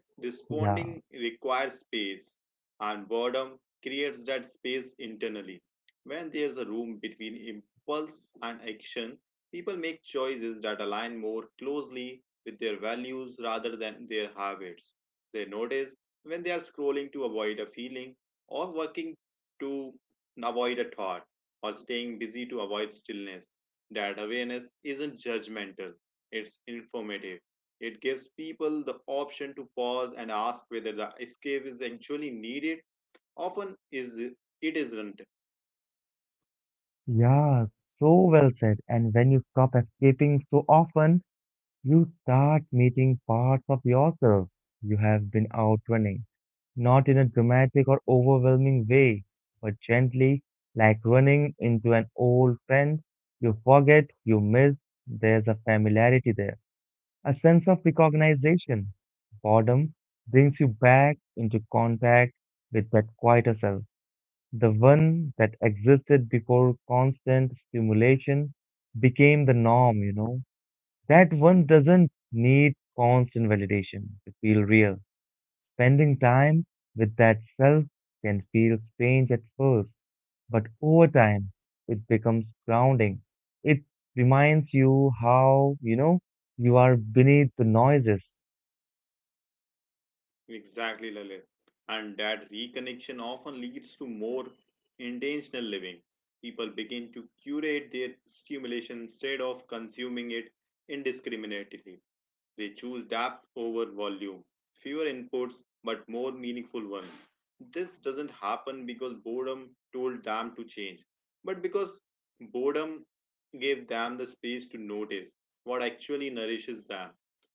[SPEAKER 1] yeah,
[SPEAKER 2] responding requires space, and boredom creates that space internally. When there's a room between impulse and action, people make choices that align more closely with their values rather than their habits. They notice when they are scrolling to avoid a feeling, or working to avoid a thought, or staying busy to avoid stillness. That awareness isn't judgmental, it's informative. It gives people the option to pause and ask whether the escape is actually needed. Often is it isn't.
[SPEAKER 1] yeah, so well said. And when you stop escaping so often, you start meeting parts of yourself you have been out running not in a dramatic or overwhelming way, but gently, like running into an old friend you forget, you miss. There's a familiarity there, a sense of recognition. Boredom brings you back into contact with that quieter self, the one that existed before constant stimulation became the norm, you know. That one doesn't need constant validation to feel real. Spending time with that self can feel strange at first, but over time it becomes grounding. It reminds you how, you know, you are beneath the noises,
[SPEAKER 2] Exactly, Lalit. And that reconnection often leads to more intentional living. People begin to curate their stimulation instead of consuming it indiscriminately. They choose depth over volume, fewer inputs but more meaningful ones. This doesn't happen because boredom told them to change, but because boredom gave them the space to notice what actually nourishes them.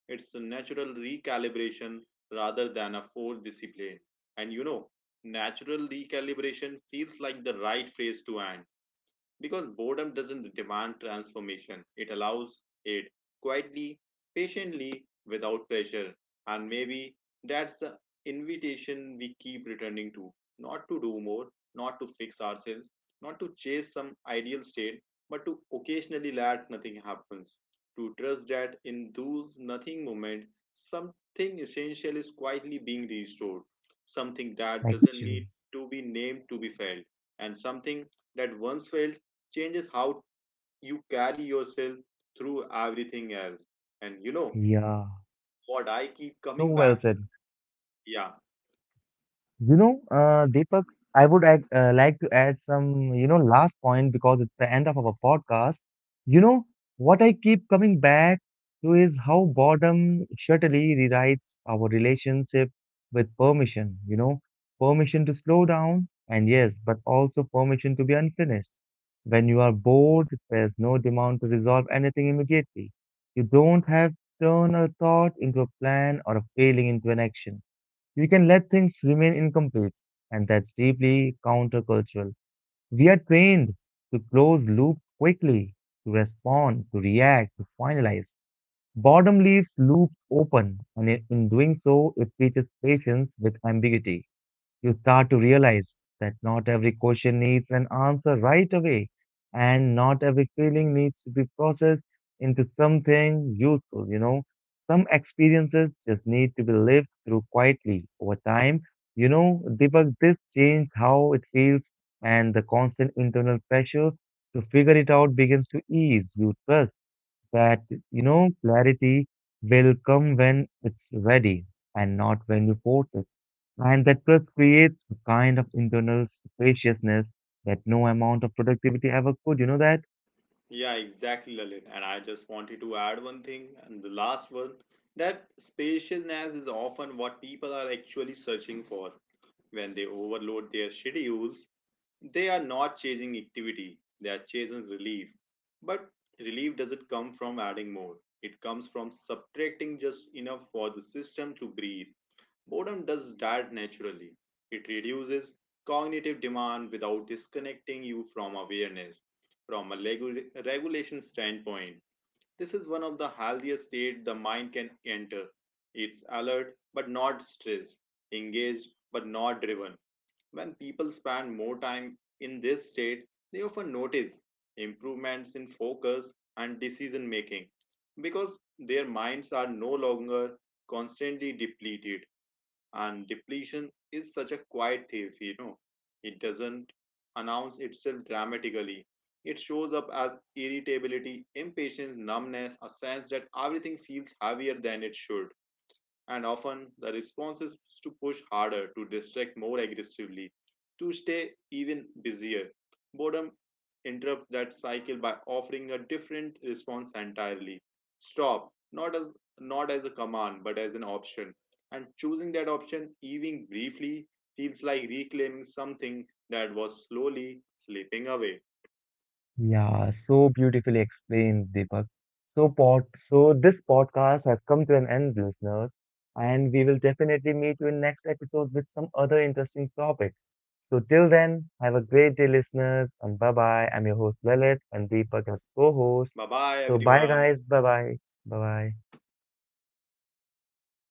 [SPEAKER 2] It's a natural recalibration rather than a forced discipline. And you know, natural recalibration feels like the right phrase to end, because boredom doesn't demand transformation, it allows it quietly, patiently, without pressure. And maybe that's the invitation we keep returning to: not to do more, not to fix ourselves, not to chase some ideal state, but to occasionally let nothing happens. To trust that in those nothing moment, something essential is quietly being restored, something that doesn't need
[SPEAKER 1] actually.
[SPEAKER 2] to be named to be felt, and something that once felt changes how you carry yourself through everything else. And, you know,
[SPEAKER 1] Yeah,
[SPEAKER 2] what I keep
[SPEAKER 1] so
[SPEAKER 2] coming
[SPEAKER 1] well
[SPEAKER 2] back?
[SPEAKER 1] said.
[SPEAKER 2] Yeah,
[SPEAKER 1] You know, uh, Deepak, I would add, uh, like to add some, you know, last point because it's the end of our podcast. You know, what I keep coming back to is how boredom subtly rewrites our relationship with permission, you know, permission to slow down, and yes, but also permission to be unfinished. When you are bored, there's no demand to resolve anything immediately. You don't have to turn a thought into a plan or a feeling into an action. You can let things remain incomplete, and that's deeply countercultural. We are trained to close loops quickly, to respond, to react, to finalize. Boredom leaves loops open, and in in doing so, it teaches patience with ambiguity. You start to realize that not every question needs an answer right away, and not every feeling needs to be processed into something useful, you know. Some experiences just need to be lived through quietly over time. You know, Deepak, this changes how it feels, and the constant internal pressure to figure it out begins to ease. You trust that, you know, clarity will come when it's ready and not when you force it. And that trust creates a kind of internal spaciousness that no amount of productivity ever could. You know that?
[SPEAKER 2] yeah, exactly, Lalit. And I just wanted to add one thing, and the last one, that spaciousness is often what people are actually searching for. When they overload their schedules, they are not chasing activity, they are chasing relief. But relief doesn't come from adding more, it comes from subtracting just enough for the system to breathe. Boredom does that naturally. It reduces cognitive demand without disconnecting you from awareness. From a legu- regulation standpoint, this is one of the healthiest states the mind can enter. It's alert but not stressed, engaged but not driven. When people spend more time in this state, they often notice improvements in focus and decision making because their minds are no longer constantly depleted, and depletion is such a quiet thief you know It doesn't announce itself dramatically, it shows up as irritability, impatience, numbness, a sense that everything feels heavier than it should, and often the response is to push harder, to distract more aggressively, to stay even busier. Boredom interrupts that cycle by offering a different response entirely. Stop, not as not as a command, but as an option. And choosing that option, even briefly, feels like reclaiming something that was slowly slipping away.
[SPEAKER 1] Yeah, so beautifully explained, Deepak. So pod, so this podcast has come to an end, listeners, and we will definitely meet you in next episode with some other interesting topic. So till then, have a great day, listeners, and bye bye. I'm your host Lalit, and Deepak as co-host.
[SPEAKER 2] Bye bye,
[SPEAKER 1] So bye,
[SPEAKER 2] everyone.
[SPEAKER 1] guys. Bye bye. Bye bye.